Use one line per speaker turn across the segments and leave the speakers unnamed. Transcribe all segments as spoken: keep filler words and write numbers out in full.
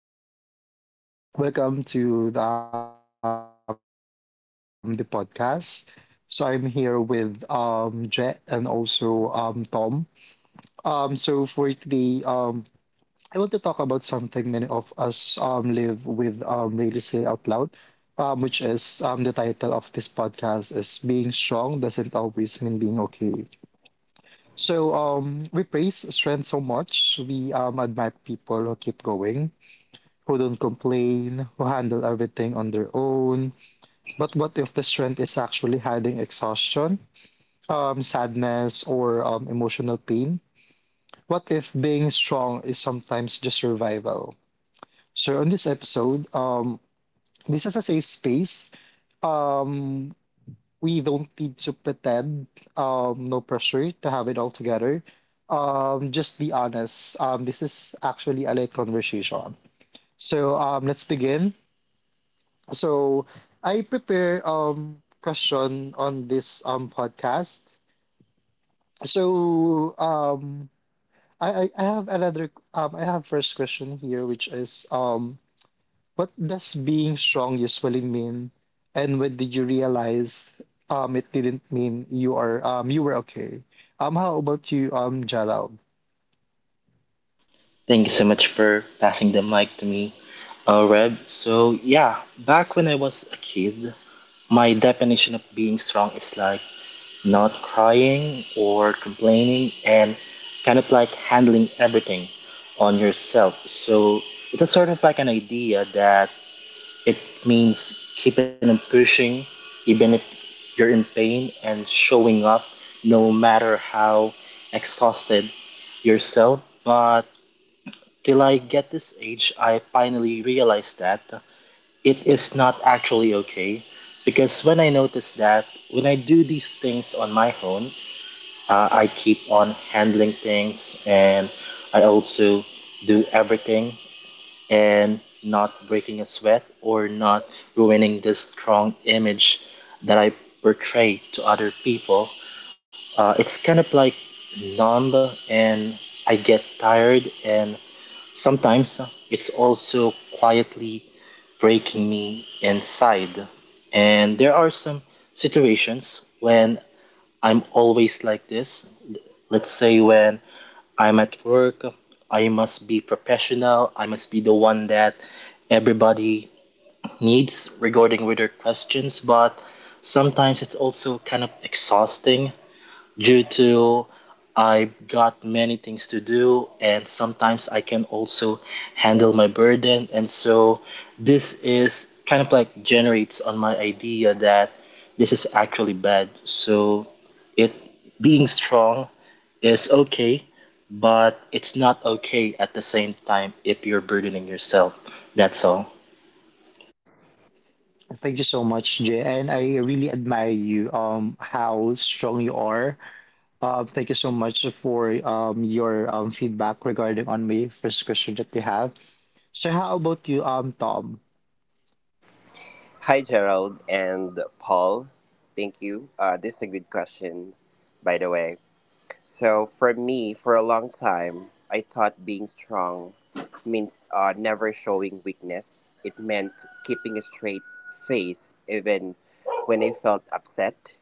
Um, Welcome to the, um, the podcast. So I'm here with um Jet and also um Tom. Um, so for today, um, I want to talk about something many of us um live with um really say out loud. Um, which is um the title of this podcast is being strong doesn't always mean being okay. So um we praise strength so much. We um admire people who keep going who don't complain, who handle everything on their own. But what if the strength is actually hiding exhaustion, um, sadness, or um, emotional pain? What if being strong is sometimes just survival? So, on this episode, um, this is a safe space. Um, we don't need to pretend, um, no pressure to have it all together. Um, just be honest. Um, this is actually a late conversation. So, um, let's begin. So I prepare um question on this um podcast. So um I I I have another um I have first question here which is um what does being strong usually mean and when did you realize um it didn't mean you are um you were okay? Um how about you, um Jalal?
Thank you so much for passing the mic to me, uh, Reb. So, yeah, back when I was a kid, my definition of being strong is like not crying or complaining and kind of like handling everything on yourself. So, it's a sort of like an idea that it means keeping on pushing, even if you're in pain, and showing up no matter how exhausted yourself. But till I get this age, I finally realized that it is not actually okay. Because when I notice that when I do these things on my own, uh, I keep on handling things and I also do everything and not breaking a sweat or not ruining this strong image that I portray to other people. Uh, it's kind of like numb and I get tired and sometimes it's also quietly breaking me inside. And there are some situations when I'm always like this. Let's say when I'm at work, I must be professional, I must be the one that everybody needs regarding with their questions, but sometimes it's also kind of exhausting due to I've got many things to do and sometimes I can also handle my burden and so this is kind of like generates on my idea that this is actually bad so it being strong is okay but it's not okay at the same time if you're burdening yourself, that's all.
Thank you so much, Jay. And I really admire you, um, how strong you are. Uh, thank you so much for um, your um, feedback regarding on my first question that you have. So how about you, um, Tom?
Hi, Gerald and Paul. Thank you. Uh, this is a good question, by the way. So, for me, for a long time, I thought being strong meant uh, never showing weakness. It meant keeping a straight face even when I felt upset,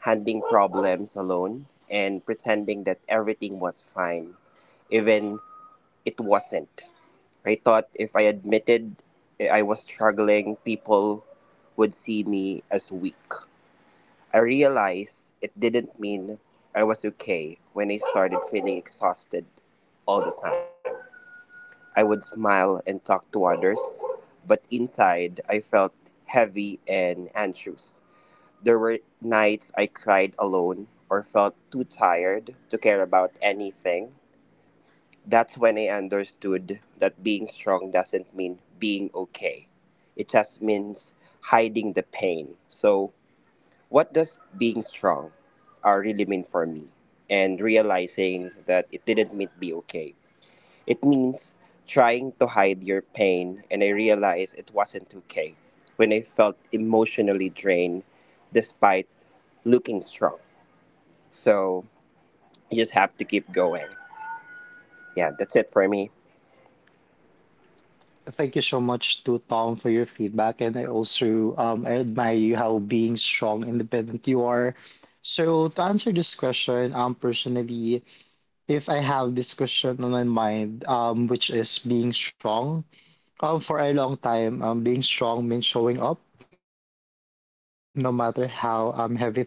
handling problems alone, and pretending that everything was fine. Even it wasn't. I thought if I admitted I was struggling, people would see me as weak. I realized it didn't mean I was okay when I started feeling exhausted all the time. I would smile and talk to others, but inside I felt heavy and anxious. There were nights I cried alone or felt too tired to care about anything. That's when I understood that being strong doesn't mean being okay. It just means hiding the pain. So, what does being strong uh, really mean for me? And realizing that it didn't mean be okay. It means trying to hide your pain, and I realized it wasn't okay when I felt emotionally drained despite looking strong. So, you just have to keep going. Yeah, that's it for me.
Thank you so much to Tom for your feedback, and I also um, I admire you how being strong, independent you are. So to answer this question, um, personally, if I have this question on my mind, um, which is being strong, Um, for a long time, um, being strong meant showing up, no matter how um, heavy things felt.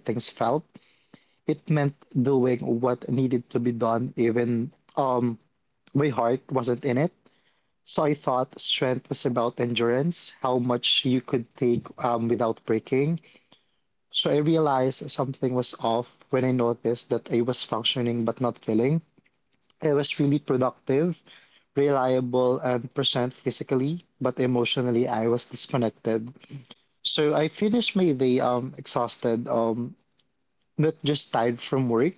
It meant doing what needed to be done, even um, my heart wasn't in it. So I thought strength was about endurance, how much you could take um, without breaking. So I realized something was off when I noticed that I was functioning but not feeling. I was really productive, reliable, and present physically, but emotionally I was disconnected. So I finished my day um exhausted, um not just tired from work,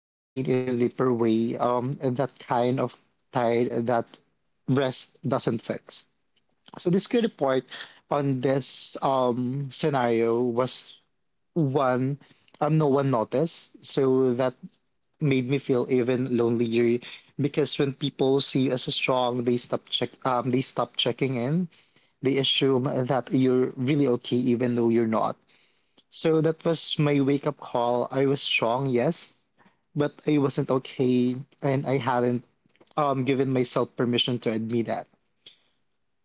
but drained in a deeper way, um and that kind of tired that rest doesn't fix. So the scary part on this um scenario was one um no one noticed, so that made me feel even lonelier when people see us strong, they stop check um they stop checking in. They assume that you're really okay even though you're not. So that was my wake up call. I was strong, yes, but I wasn't okay, and I hadn't um, given myself permission to admit that.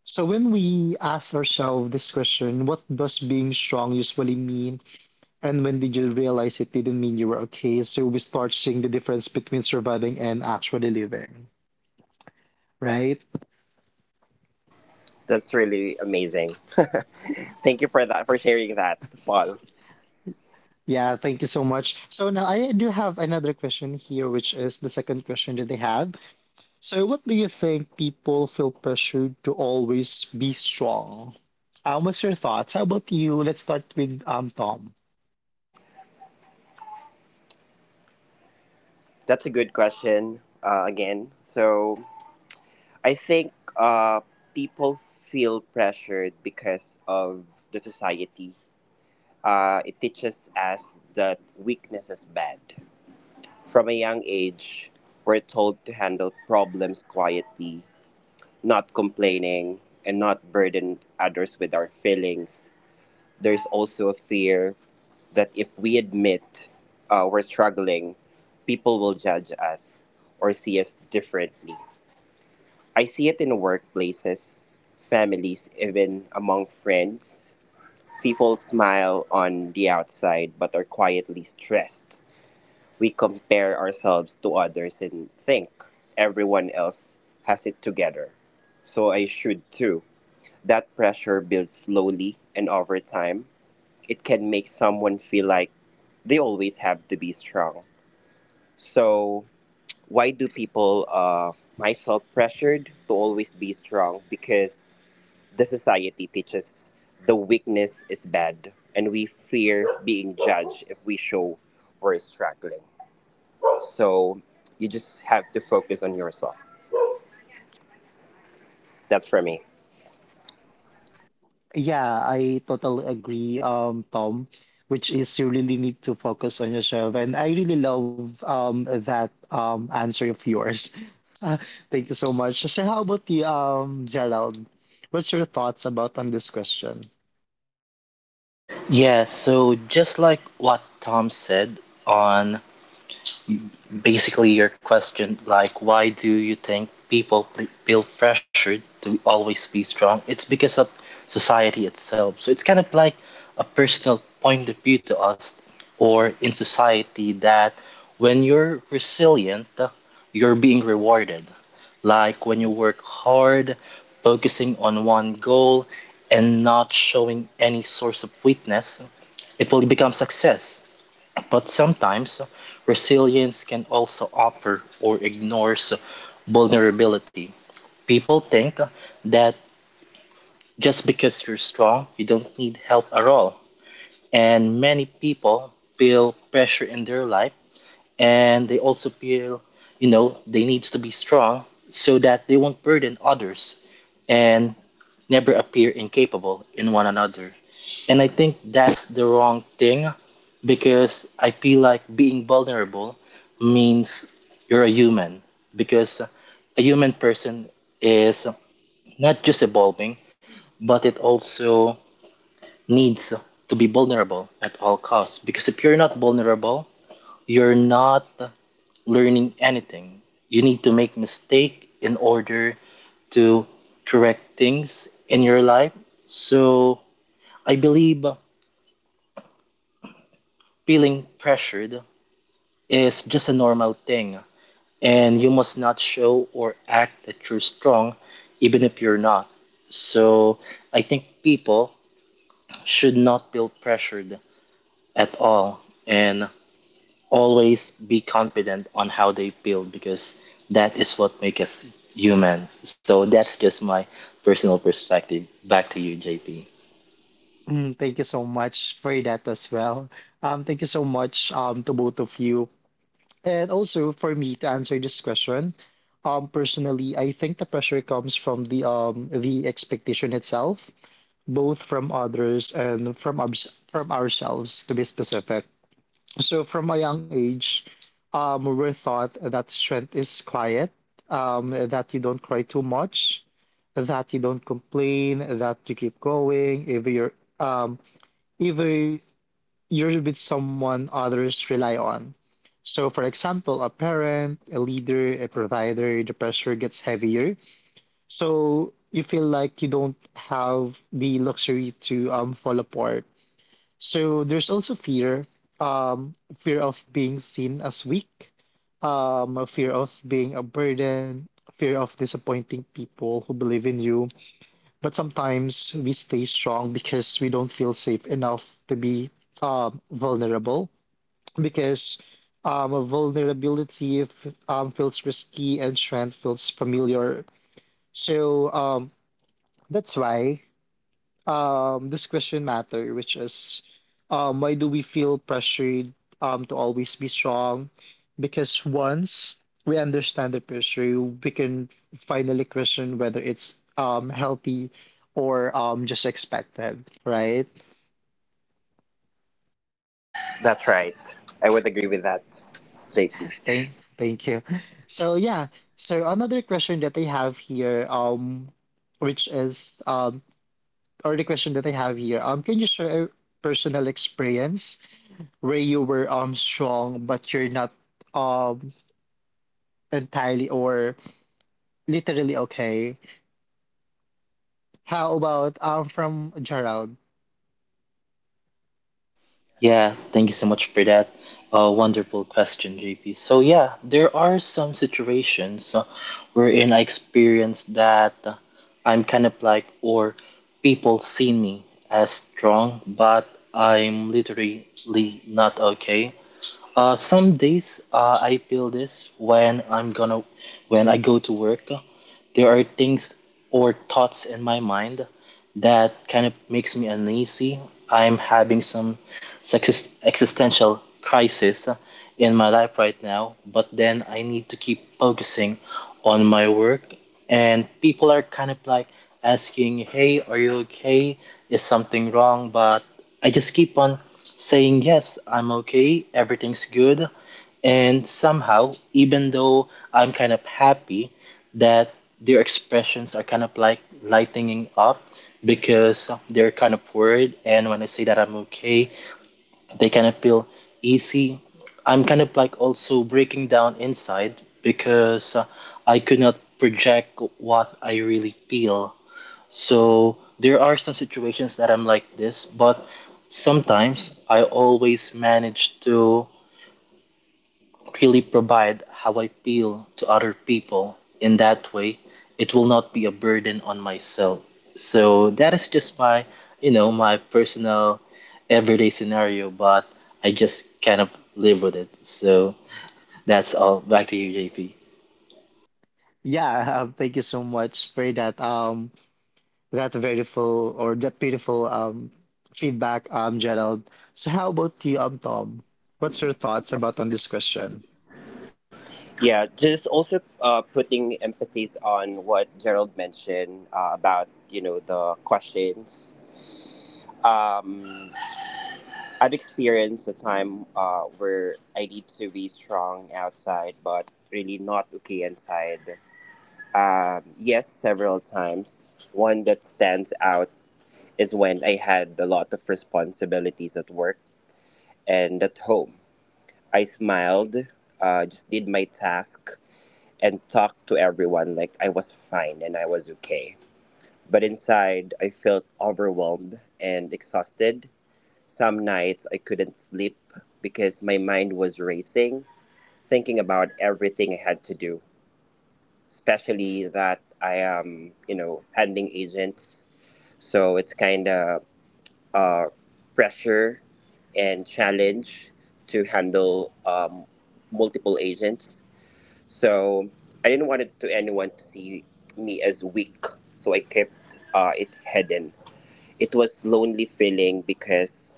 So when we ask ourselves this question, what does being strong usually mean? And when did you realize it didn't mean you were okay? So we start seeing the difference between surviving and actually living, right?
That's really amazing. Thank you for that for sharing that, Paul.
Yeah, thank you so much. So now I do have another question here, which is the second question that they had. So, what do you think people feel pressured to always be strong? Um, what's your thoughts? How about you? Let's start with um Tom.
That's a good question. Uh, again, so I think uh, people feel pressured because of the society. Uh, it teaches us that weakness is bad. From a young age, we're told to handle problems quietly, not complaining, and not burden others with our feelings. There's also a fear that if we admit uh, we're struggling, people will judge us or see us differently. I see it in workplaces, families, even among friends. People smile on the outside but are quietly stressed. We compare ourselves to others and think everyone else has it together. So I should too. That pressure builds slowly and over time it can make someone feel like they always have to be strong. So, why do people uh myself pressured to always be strong? Because the society teaches the weakness is bad and we fear being judged if we show we're struggling. So, you just have to focus on yourself. That's for me.
Yeah, I totally agree, um, Tom, which is you really need to focus on yourself. And I really love um that um answer of yours. Uh, Thank you so much. So how about the um Gerald? What's your thoughts about on this question?
Yeah, so just like what Tom said on basically, your question like, why do you think people ple- feel pressured to always be strong? It's because of society itself. So it's kind of like a personal point of view to us, or in society, that when you're resilient, you're being rewarded. Like when you work hard, focusing on one goal, and not showing any source of weakness, it will become success. But sometimes resilience can also offer or ignores vulnerability. People think that just because you're strong, you don't need help at all. And many people feel pressure in their life and they also feel, you know, they needs to be strong so that they won't burden others and never appear incapable in one another. And I think that's the wrong thing because I feel like being vulnerable means you're a human because a human person is not just evolving, but it also needs to be vulnerable at all costs. Because if you're not vulnerable, you're not learning anything. You need to make mistake in order to correct things in your life. So I believe feeling pressured is just a normal thing, and you must not show or act that you're strong, even if you're not. So I think people should not feel pressured at all and always be confident on how they feel because that is what makes us human. So that's just my personal perspective. Back to you, J P.
Mm, thank you so much for that as well. Um, thank you so much um to both of you. And also for me to answer this question, um, personally, I think the pressure comes from the um the expectation itself, both from others and from obs from ourselves, to be specific. So from a young age, um, we were taught that strength is quiet, um, that you don't cry too much, that you don't complain, that you keep going, if you're um, if you're with someone others rely on. So, for example, a parent, a leader, a provider, the pressure gets heavier. So, you feel like you don't have the luxury to um, fall apart. So, there's also fear, um, fear of being seen as weak, um, a fear of being a burden, fear of disappointing people who believe in you. But sometimes we stay strong because we don't feel safe enough to be um, vulnerable because um, a vulnerability f um, feels risky and strength feels familiar. So um, that's why um, this question matter, which is um, why do we feel pressured um, to always be strong? Because once we understand the pressure, we can finally question whether it's um, healthy or um, just expected, right?
That's right. I would agree with that, J P.
Thank, thank you. So yeah, so another question that I have here, um, which is um, or the question that I have here, um, can you share a personal experience where you were um strong but you're not um entirely or literally okay? How about um from Gerald?
Yeah, thank you so much for that. Uh, wonderful question, J P. So yeah, there are some situations uh, wherein I experience that uh, I'm kind of like, or people see me as strong, but I'm literally not okay. Uh, some days uh, I feel this when I'm gonna when I go to work. uh, There are things or thoughts in my mind that kind of makes me uneasy. I'm having some exist- existential crisis in my life right now, but then I need to keep focusing on my work. And people are kind of like asking, "Hey, are you okay? Is something wrong?" But I just keep on saying, "Yes, I'm okay. Everything's good." And somehow, even though I'm kind of happy that their expressions are kind of like lightening up because they're kind of worried. And when I say that I'm okay, they kind of feel easy. I'm kind of like also breaking down inside because uh, I could not project what I really feel. So there are some situations that I'm like this, but sometimes I always manage to really provide how I feel to other people. In that way, it will not be a burden on myself. So that is just my, you know, my personal everyday scenario, but I just kind of live with it. So that's all. Back to you, J P.
Yeah, um, thank you so much for that. Um, That's beautiful or that beautiful um feedback, um, Gerald. So how about you, um, Tom? What's your thoughts about on this question?
Yeah, just also uh, putting emphasis on what Gerald mentioned uh, about you know the questions. Um, I've experienced a time uh, where I need to be strong outside, but really not okay inside. Um, yes, several times. One that stands out is when I had a lot of responsibilities at work and at home. I smiled, uh, just did my task, and talked to everyone like I was fine and I was okay. But inside, I felt overwhelmed and exhausted. Some nights I couldn't sleep because my mind was racing, thinking about everything I had to do, especially that I am, you know, handling agents. So it's kind of uh, pressure and challenge to handle um, multiple agents. So I didn't want it to anyone to see me as weak. So I kept uh, it hidden. It was lonely feeling because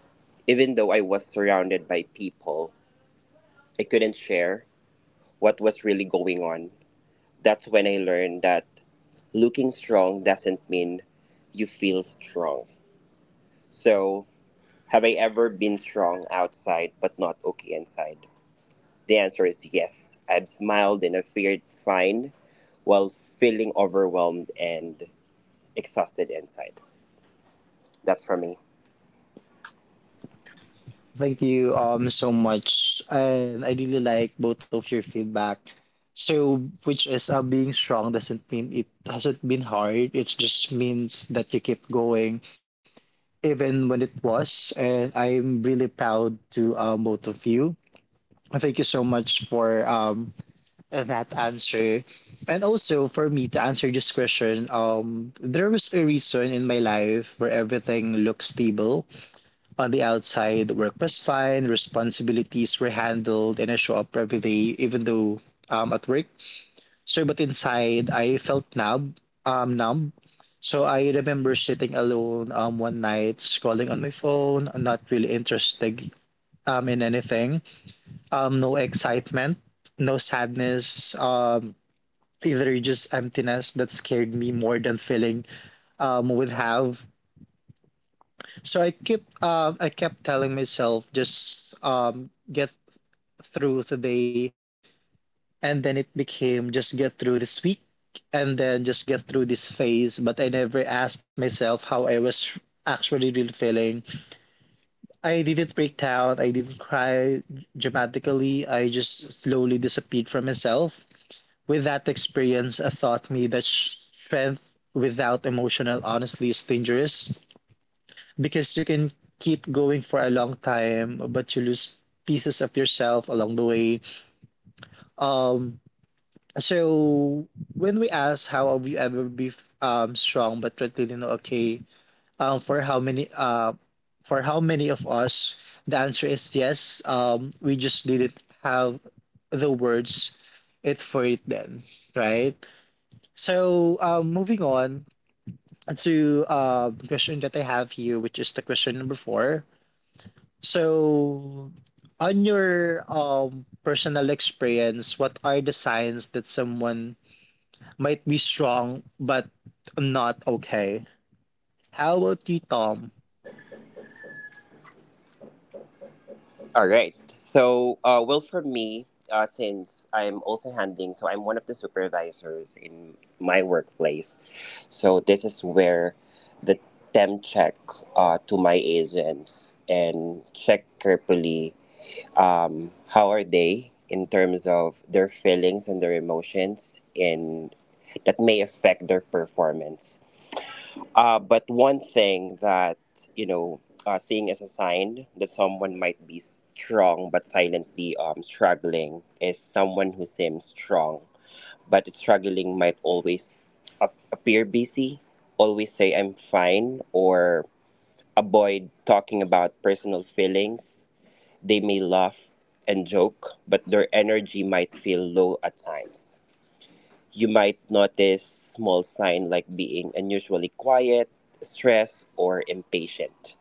even though I was surrounded by people, I couldn't share what was really going on. That's when I learned that looking strong doesn't mean you feel strong. So, have I ever been strong outside but not okay inside? The answer is yes. I've smiled and I feared fine while feeling overwhelmed and exhausted inside. That's for me.
Thank you um so much. And I really like both of your feedback. So which is uh, being strong doesn't mean it hasn't been hard. It just means that you keep going even when it was. And I'm really proud to um, both of you. Thank you so much for um uh, that answer. And also for me to answer this question, um, there was a reason in my life where everything looked stable. On the outside, work was fine, responsibilities were handled, and I show up every day, even though um at work. So but inside I felt numb, um numb. So I remember sitting alone um one night, scrolling on my phone, not really interested um in anything. Um no excitement, no sadness, um either just emptiness that scared me more than filling um, would have. So I kept um, I kept telling myself just um, get through today, and then it became just get through this week, and then just get through this phase. But I never asked myself how I was actually really feeling. I didn't break down. I didn't cry dramatically. I just slowly disappeared from myself. With that experience, I taught me that strength without emotional honesty is dangerous because you can keep going for a time, but you lose pieces of yourself along the way. Um, so when we ask how have you ever be um strong but really not okay, um, for how many uh, for how many of us, the answer is yes. Um, we just didn't have the words it for it then, right? So, um, moving on to uh, the question that I have here, which is the question number four. So, on your um, personal experience, what are the signs that someone might be strong but not okay? How about you, Tom?
All right. So, uh, well, for me, uh, since I'm also handling, so I'm one of the supervisors in my workplace. So, this is where the temp check uh, to my agents and check carefully um, how are they in terms of their feelings and their emotions and that may affect their performance. Uh, but one thing that you know, uh, seeing as a sign that someone might be strong but silently um, struggling is someone who seems strong but it's struggling might always ap- appear busy, always say I'm fine, or avoid talking about personal feelings. They may laugh and joke, but their energy might feel low at times. You might notice small signs like being unusually quiet, stressed, or impatient.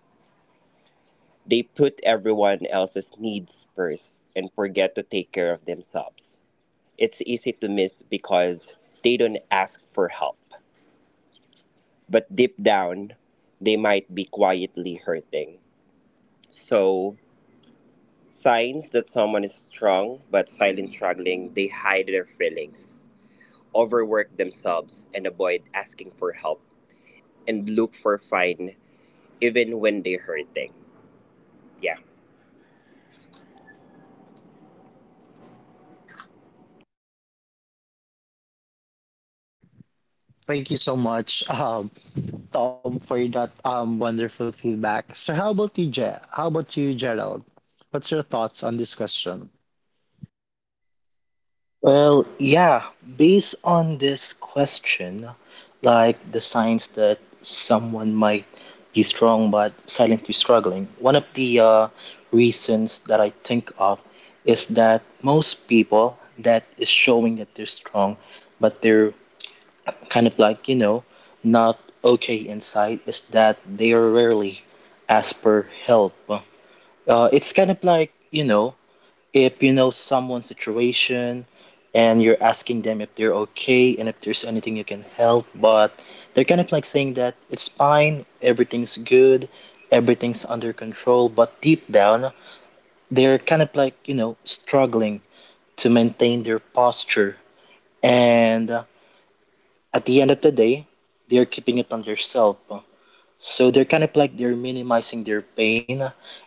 They put everyone else's needs first and forget to take care of themselves. It's easy to miss because they don't ask for help, but deep down, they might be quietly hurting. So, signs that someone is strong but silent struggling, they hide their feelings, overwork themselves, and avoid asking for help, and look for fine even when they're hurting. Yeah.
Thank you so much, um, Tom, for that um, wonderful feedback. So, how about you, Je- how about you, Gerald? What's your thoughts on this question?
Well, yeah, based on this question, like the signs that someone might be strong but silently struggling, one of the uh, reasons that I think of is that most people that is showing that they're strong, but they're kind of like, you know, not okay inside, is that they are rarely ask for help. Uh, it's kind of like, you know, if you know someone's situation and you're asking them if they're okay and if there's anything you can help, but they're kind of like saying that it's fine, everything's good, everything's under control, but deep down, they're kind of like, you know, struggling to maintain their posture. And uh, at the end of the day, they're keeping it on themselves. So they're kind of like they're minimizing their pain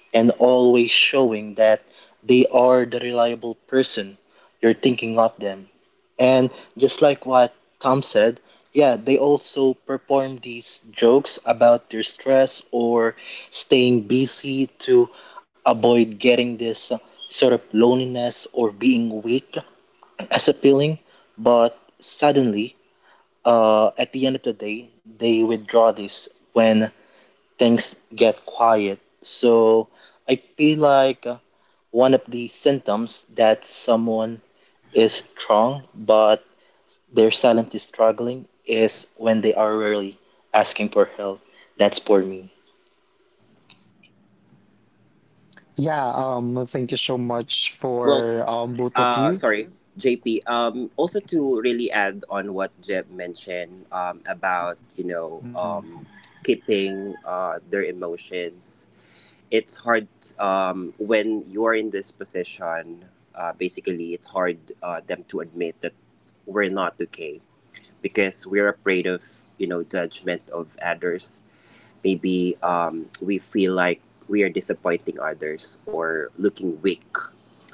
and always showing that they are the reliable person you're thinking of them. And just like what Tom said, yeah, they also perform these jokes about their stress or staying busy to avoid getting this uh, sort of loneliness or being weak as a feeling. But suddenly, uh, at the end of the day, they withdraw this when things get quiet. So I feel like uh, one of the symptoms that someone is strong but they're silently struggling is when they are rarely asking for help. That's for me.
Yeah, um, thank you so much
Well,
for um, both
uh,
of you.
Sorry, J P. Um, also to really add on what Jeb mentioned um, about you know
Mm.
um, keeping uh, their emotions, it's hard um, when you're in this position. Uh, basically it's hard uh, them to admit that we're not okay because we're afraid of, you know, judgment of others. Maybe um, we feel like we are disappointing others or looking weak,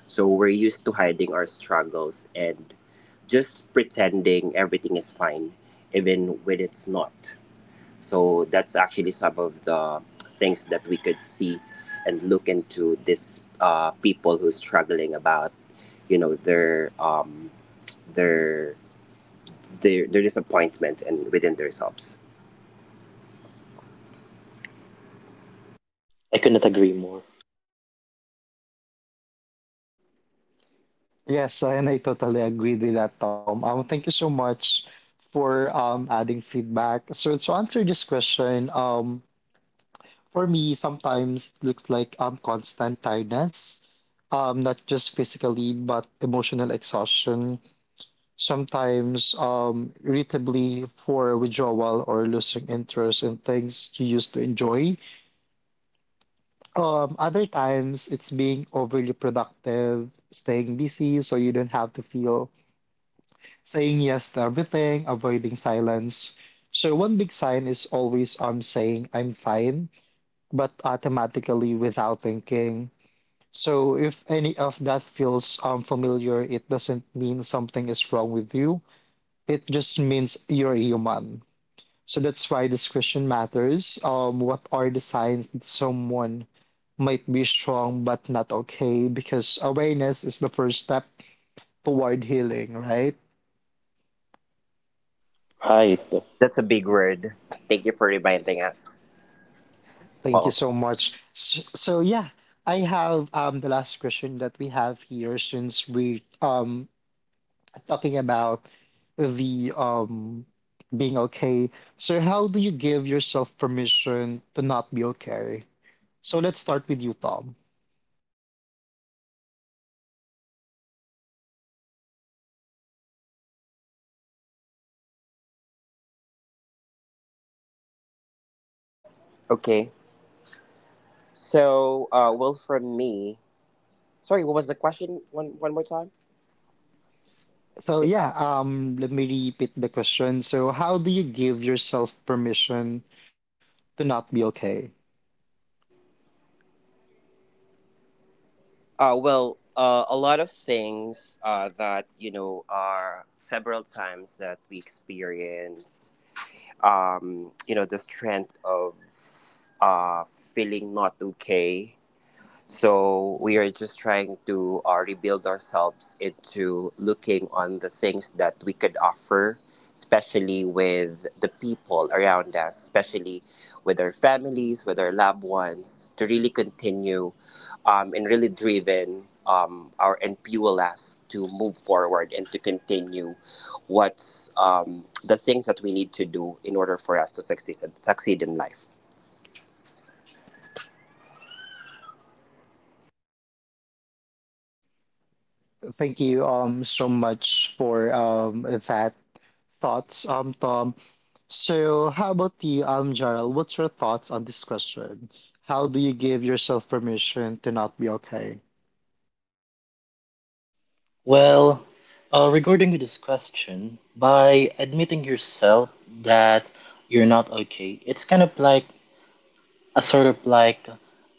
so we're used to hiding our struggles and just pretending everything is fine even when it's not. So that's actually some of the things that we could see and look into this uh, people who's struggling about, you know, their um, their their their disappointment and within themselves.
I could not agree more.
Yes, and I totally agree with that, Tom. Um, thank you so much for um, adding feedback. So to answer this question, um, for me, sometimes it looks like um, constant tiredness, um, not just physically, but emotional exhaustion, sometimes um, irritably for withdrawal or losing interest in things you used to enjoy. Um, other times it's being overly productive, staying busy so you don't have to feel saying yes to everything, avoiding silence. So one big sign is always um saying I'm fine, but automatically without thinking. So if any of that feels um familiar, it doesn't mean something is wrong with you. It just means you're human. So that's why this question matters. Um, what are the signs that someone might be strong but not okay? Because awareness is the first step toward healing, right?
Right.
That's a big word. Thank you for reminding us,
Thank
Paul.
you so much. S- So, yeah, I have um the last question that we have here since we um talking about the um being okay. So, how do you give yourself permission to not be okay? So let's start with you, Tom.
Okay. So, uh, well, from me. Sorry, what was the question? One one more time.
So yeah, um, let me repeat the question. So how do you give yourself permission to not be okay?
Uh, well, uh, a lot of things uh, that you know are several times that we experience. Um, you know the strength of uh, feeling not okay, so we are just trying to uh, rebuild ourselves into looking on the things that we could offer, especially with the people around us, especially with our families, with our loved ones, to really continue um, and really driven um, our and fuel us to move forward and to continue what's um, the things that we need to do in order for us to succeed succeed in life.
Thank you um so much for um that thoughts, um Tom. So how about you, um Gerald? What's your thoughts on this question? How do you give yourself permission to not be okay?
Well, uh, regarding with this question, by admitting yourself that you're not okay, it's kind of like a sort of like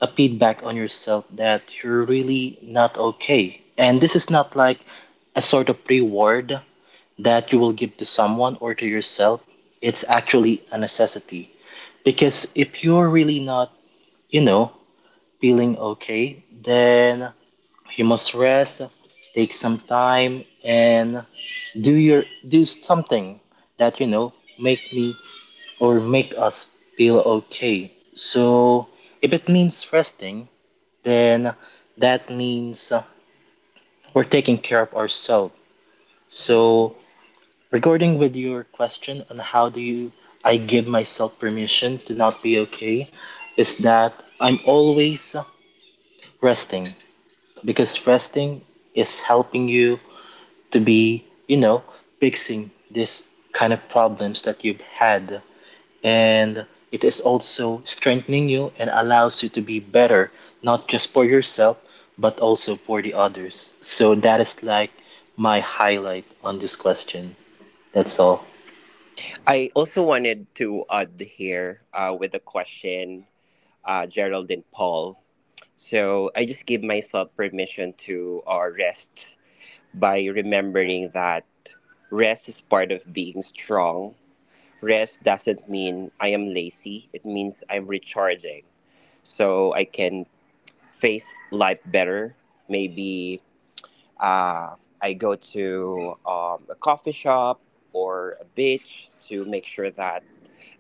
a feedback on yourself that you're really not okay. And this is not like a sort of reward that you will give to someone or to yourself. It's actually a necessity. Because if you're really not, you know, feeling okay, then you must rest, take some time and do your do something that you know make me or make us feel okay. So if it means resting, then that means uh, we're taking care of ourselves. So, regarding with your question on how do you I give myself permission to not be okay, is that I'm always uh, resting because resting is helping you to be, you know, fixing this kind of problems that you've had and it is also strengthening you and allows you to be better not just for yourself but also for the others, so that is like my highlight on this question, that's all.
I also wanted to add here uh, with a question, uh, Gerald and Paul. So I just give myself permission to uh, rest by remembering that rest is part of being strong. Rest doesn't mean I am lazy, it means I'm recharging. So I can face life better. Maybe uh, I go to um, a coffee shop or a beach to make sure that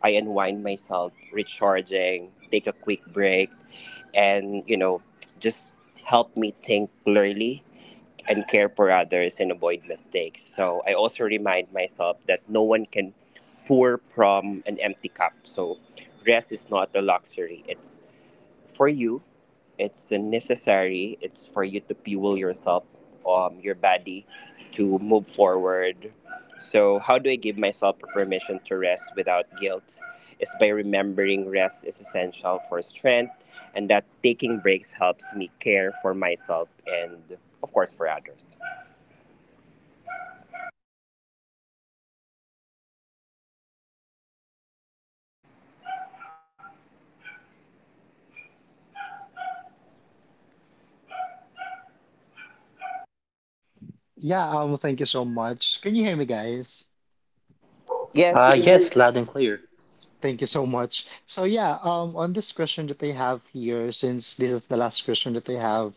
I unwind myself, recharging, take a quick break, and you know, just help me think clearly and care for others and avoid mistakes. So I also remind myself that no one can pour from an empty cup. So rest is not a luxury; it's for you, it's necessary, it's for you to fuel yourself, um your body, to move forward. So how do I give myself permission to rest without guilt? It's by remembering rest is essential for strength and that taking breaks helps me care for myself and of course for others.
Yeah, um, thank you so much. Can you hear me, guys?
Yes, we
uh
can hear.
Yes, loud and clear.
Thank you so much. So yeah, um, on this question that I have here, since this is the last question that I have,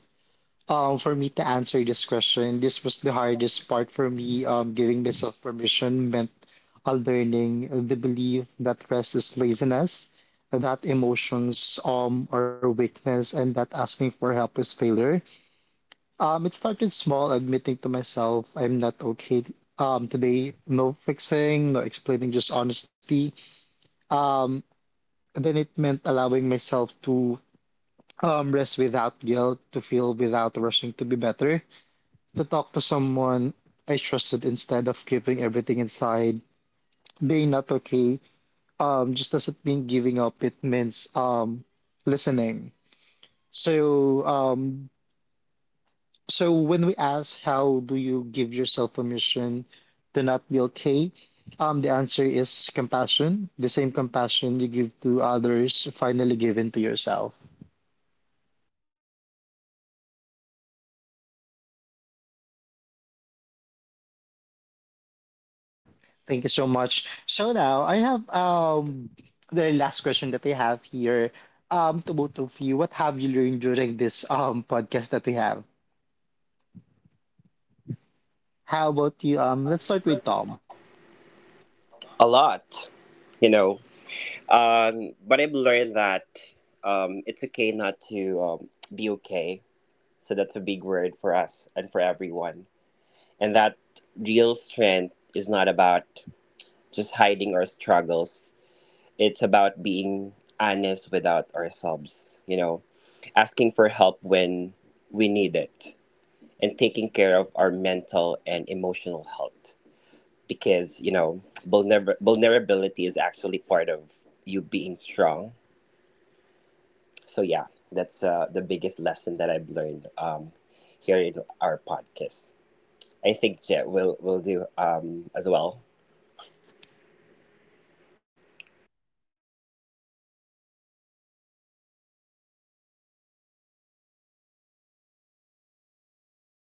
um, for me to answer this question, this was the hardest part for me. Um, giving myself permission meant uh, learning the belief that rest is laziness, that emotions um are weakness, and that asking for help is failure. Um, it started small, admitting to myself I'm not okay um, today. No fixing, no explaining, just honesty. Um, and then it meant allowing myself to um, rest without guilt, to feel without rushing to be better, to talk to someone I trusted instead of keeping everything inside. Being not okay um, just doesn't mean giving up, it means um, listening. So um, So when we ask how do you give yourself permission to not be okay, um, the answer is compassion. The same compassion you give to others, finally given to yourself. Thank you so much. So now I have um the last question that I have here. Um, to both of you, what have you learned during this um podcast that we have? How about you? Um, let's start with Tom.
A lot, you know. Um, but I've learned that um, it's okay not to um, be okay. So that's a big word for us and for everyone. And that real strength is not about just hiding our struggles, it's about being honest without ourselves, you know, asking for help when we need it, and taking care of our mental and emotional health. Because, you know, vulner- vulnerability is actually part of you being strong. So, yeah, that's uh, the biggest lesson that I've learned um, here in our podcast. I think Jet will will do um as well.
Thank you so much. So how about you, Gerald? What's your takeaways?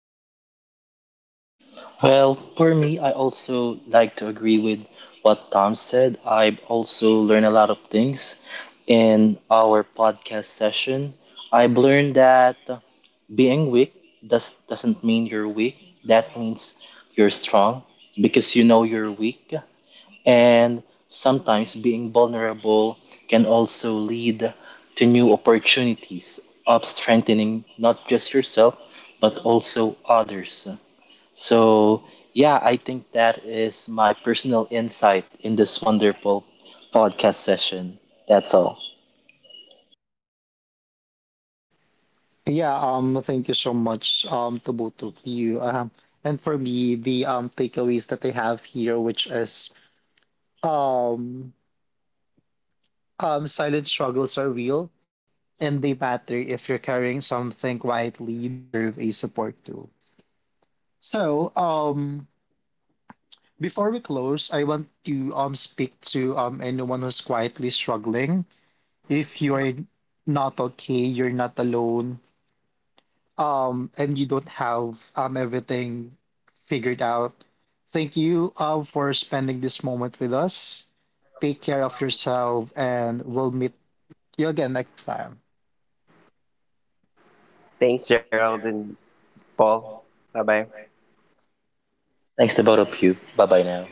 Well, for me, I also like to agree with what Tom said. I've also learned a lot of things in our podcast session. I've learned that being weak does doesn't mean you're weak. That means you're strong because you know you're weak. And sometimes being vulnerable can also lead to new opportunities of strengthening not just yourself but also others. So yeah, I think that is my personal insight in this wonderful podcast session. That's all.
Yeah, um, thank you so much, um, to both of you. Um, and for me, the um takeaways that I have here, which is um, um, silent struggles are real, and they matter if you're carrying something quietly, you deserve a support tool. So, um, before we close, I want to um speak to um anyone who's quietly struggling. If you're not okay, you're not alone. um, and you don't have um, everything figured out. Thank you uh, for spending this moment with us. Take care of yourself, and we'll meet you again next time.
Thanks, Gerald and Paul. Bye bye.
Thanks to both of you. Bye bye now.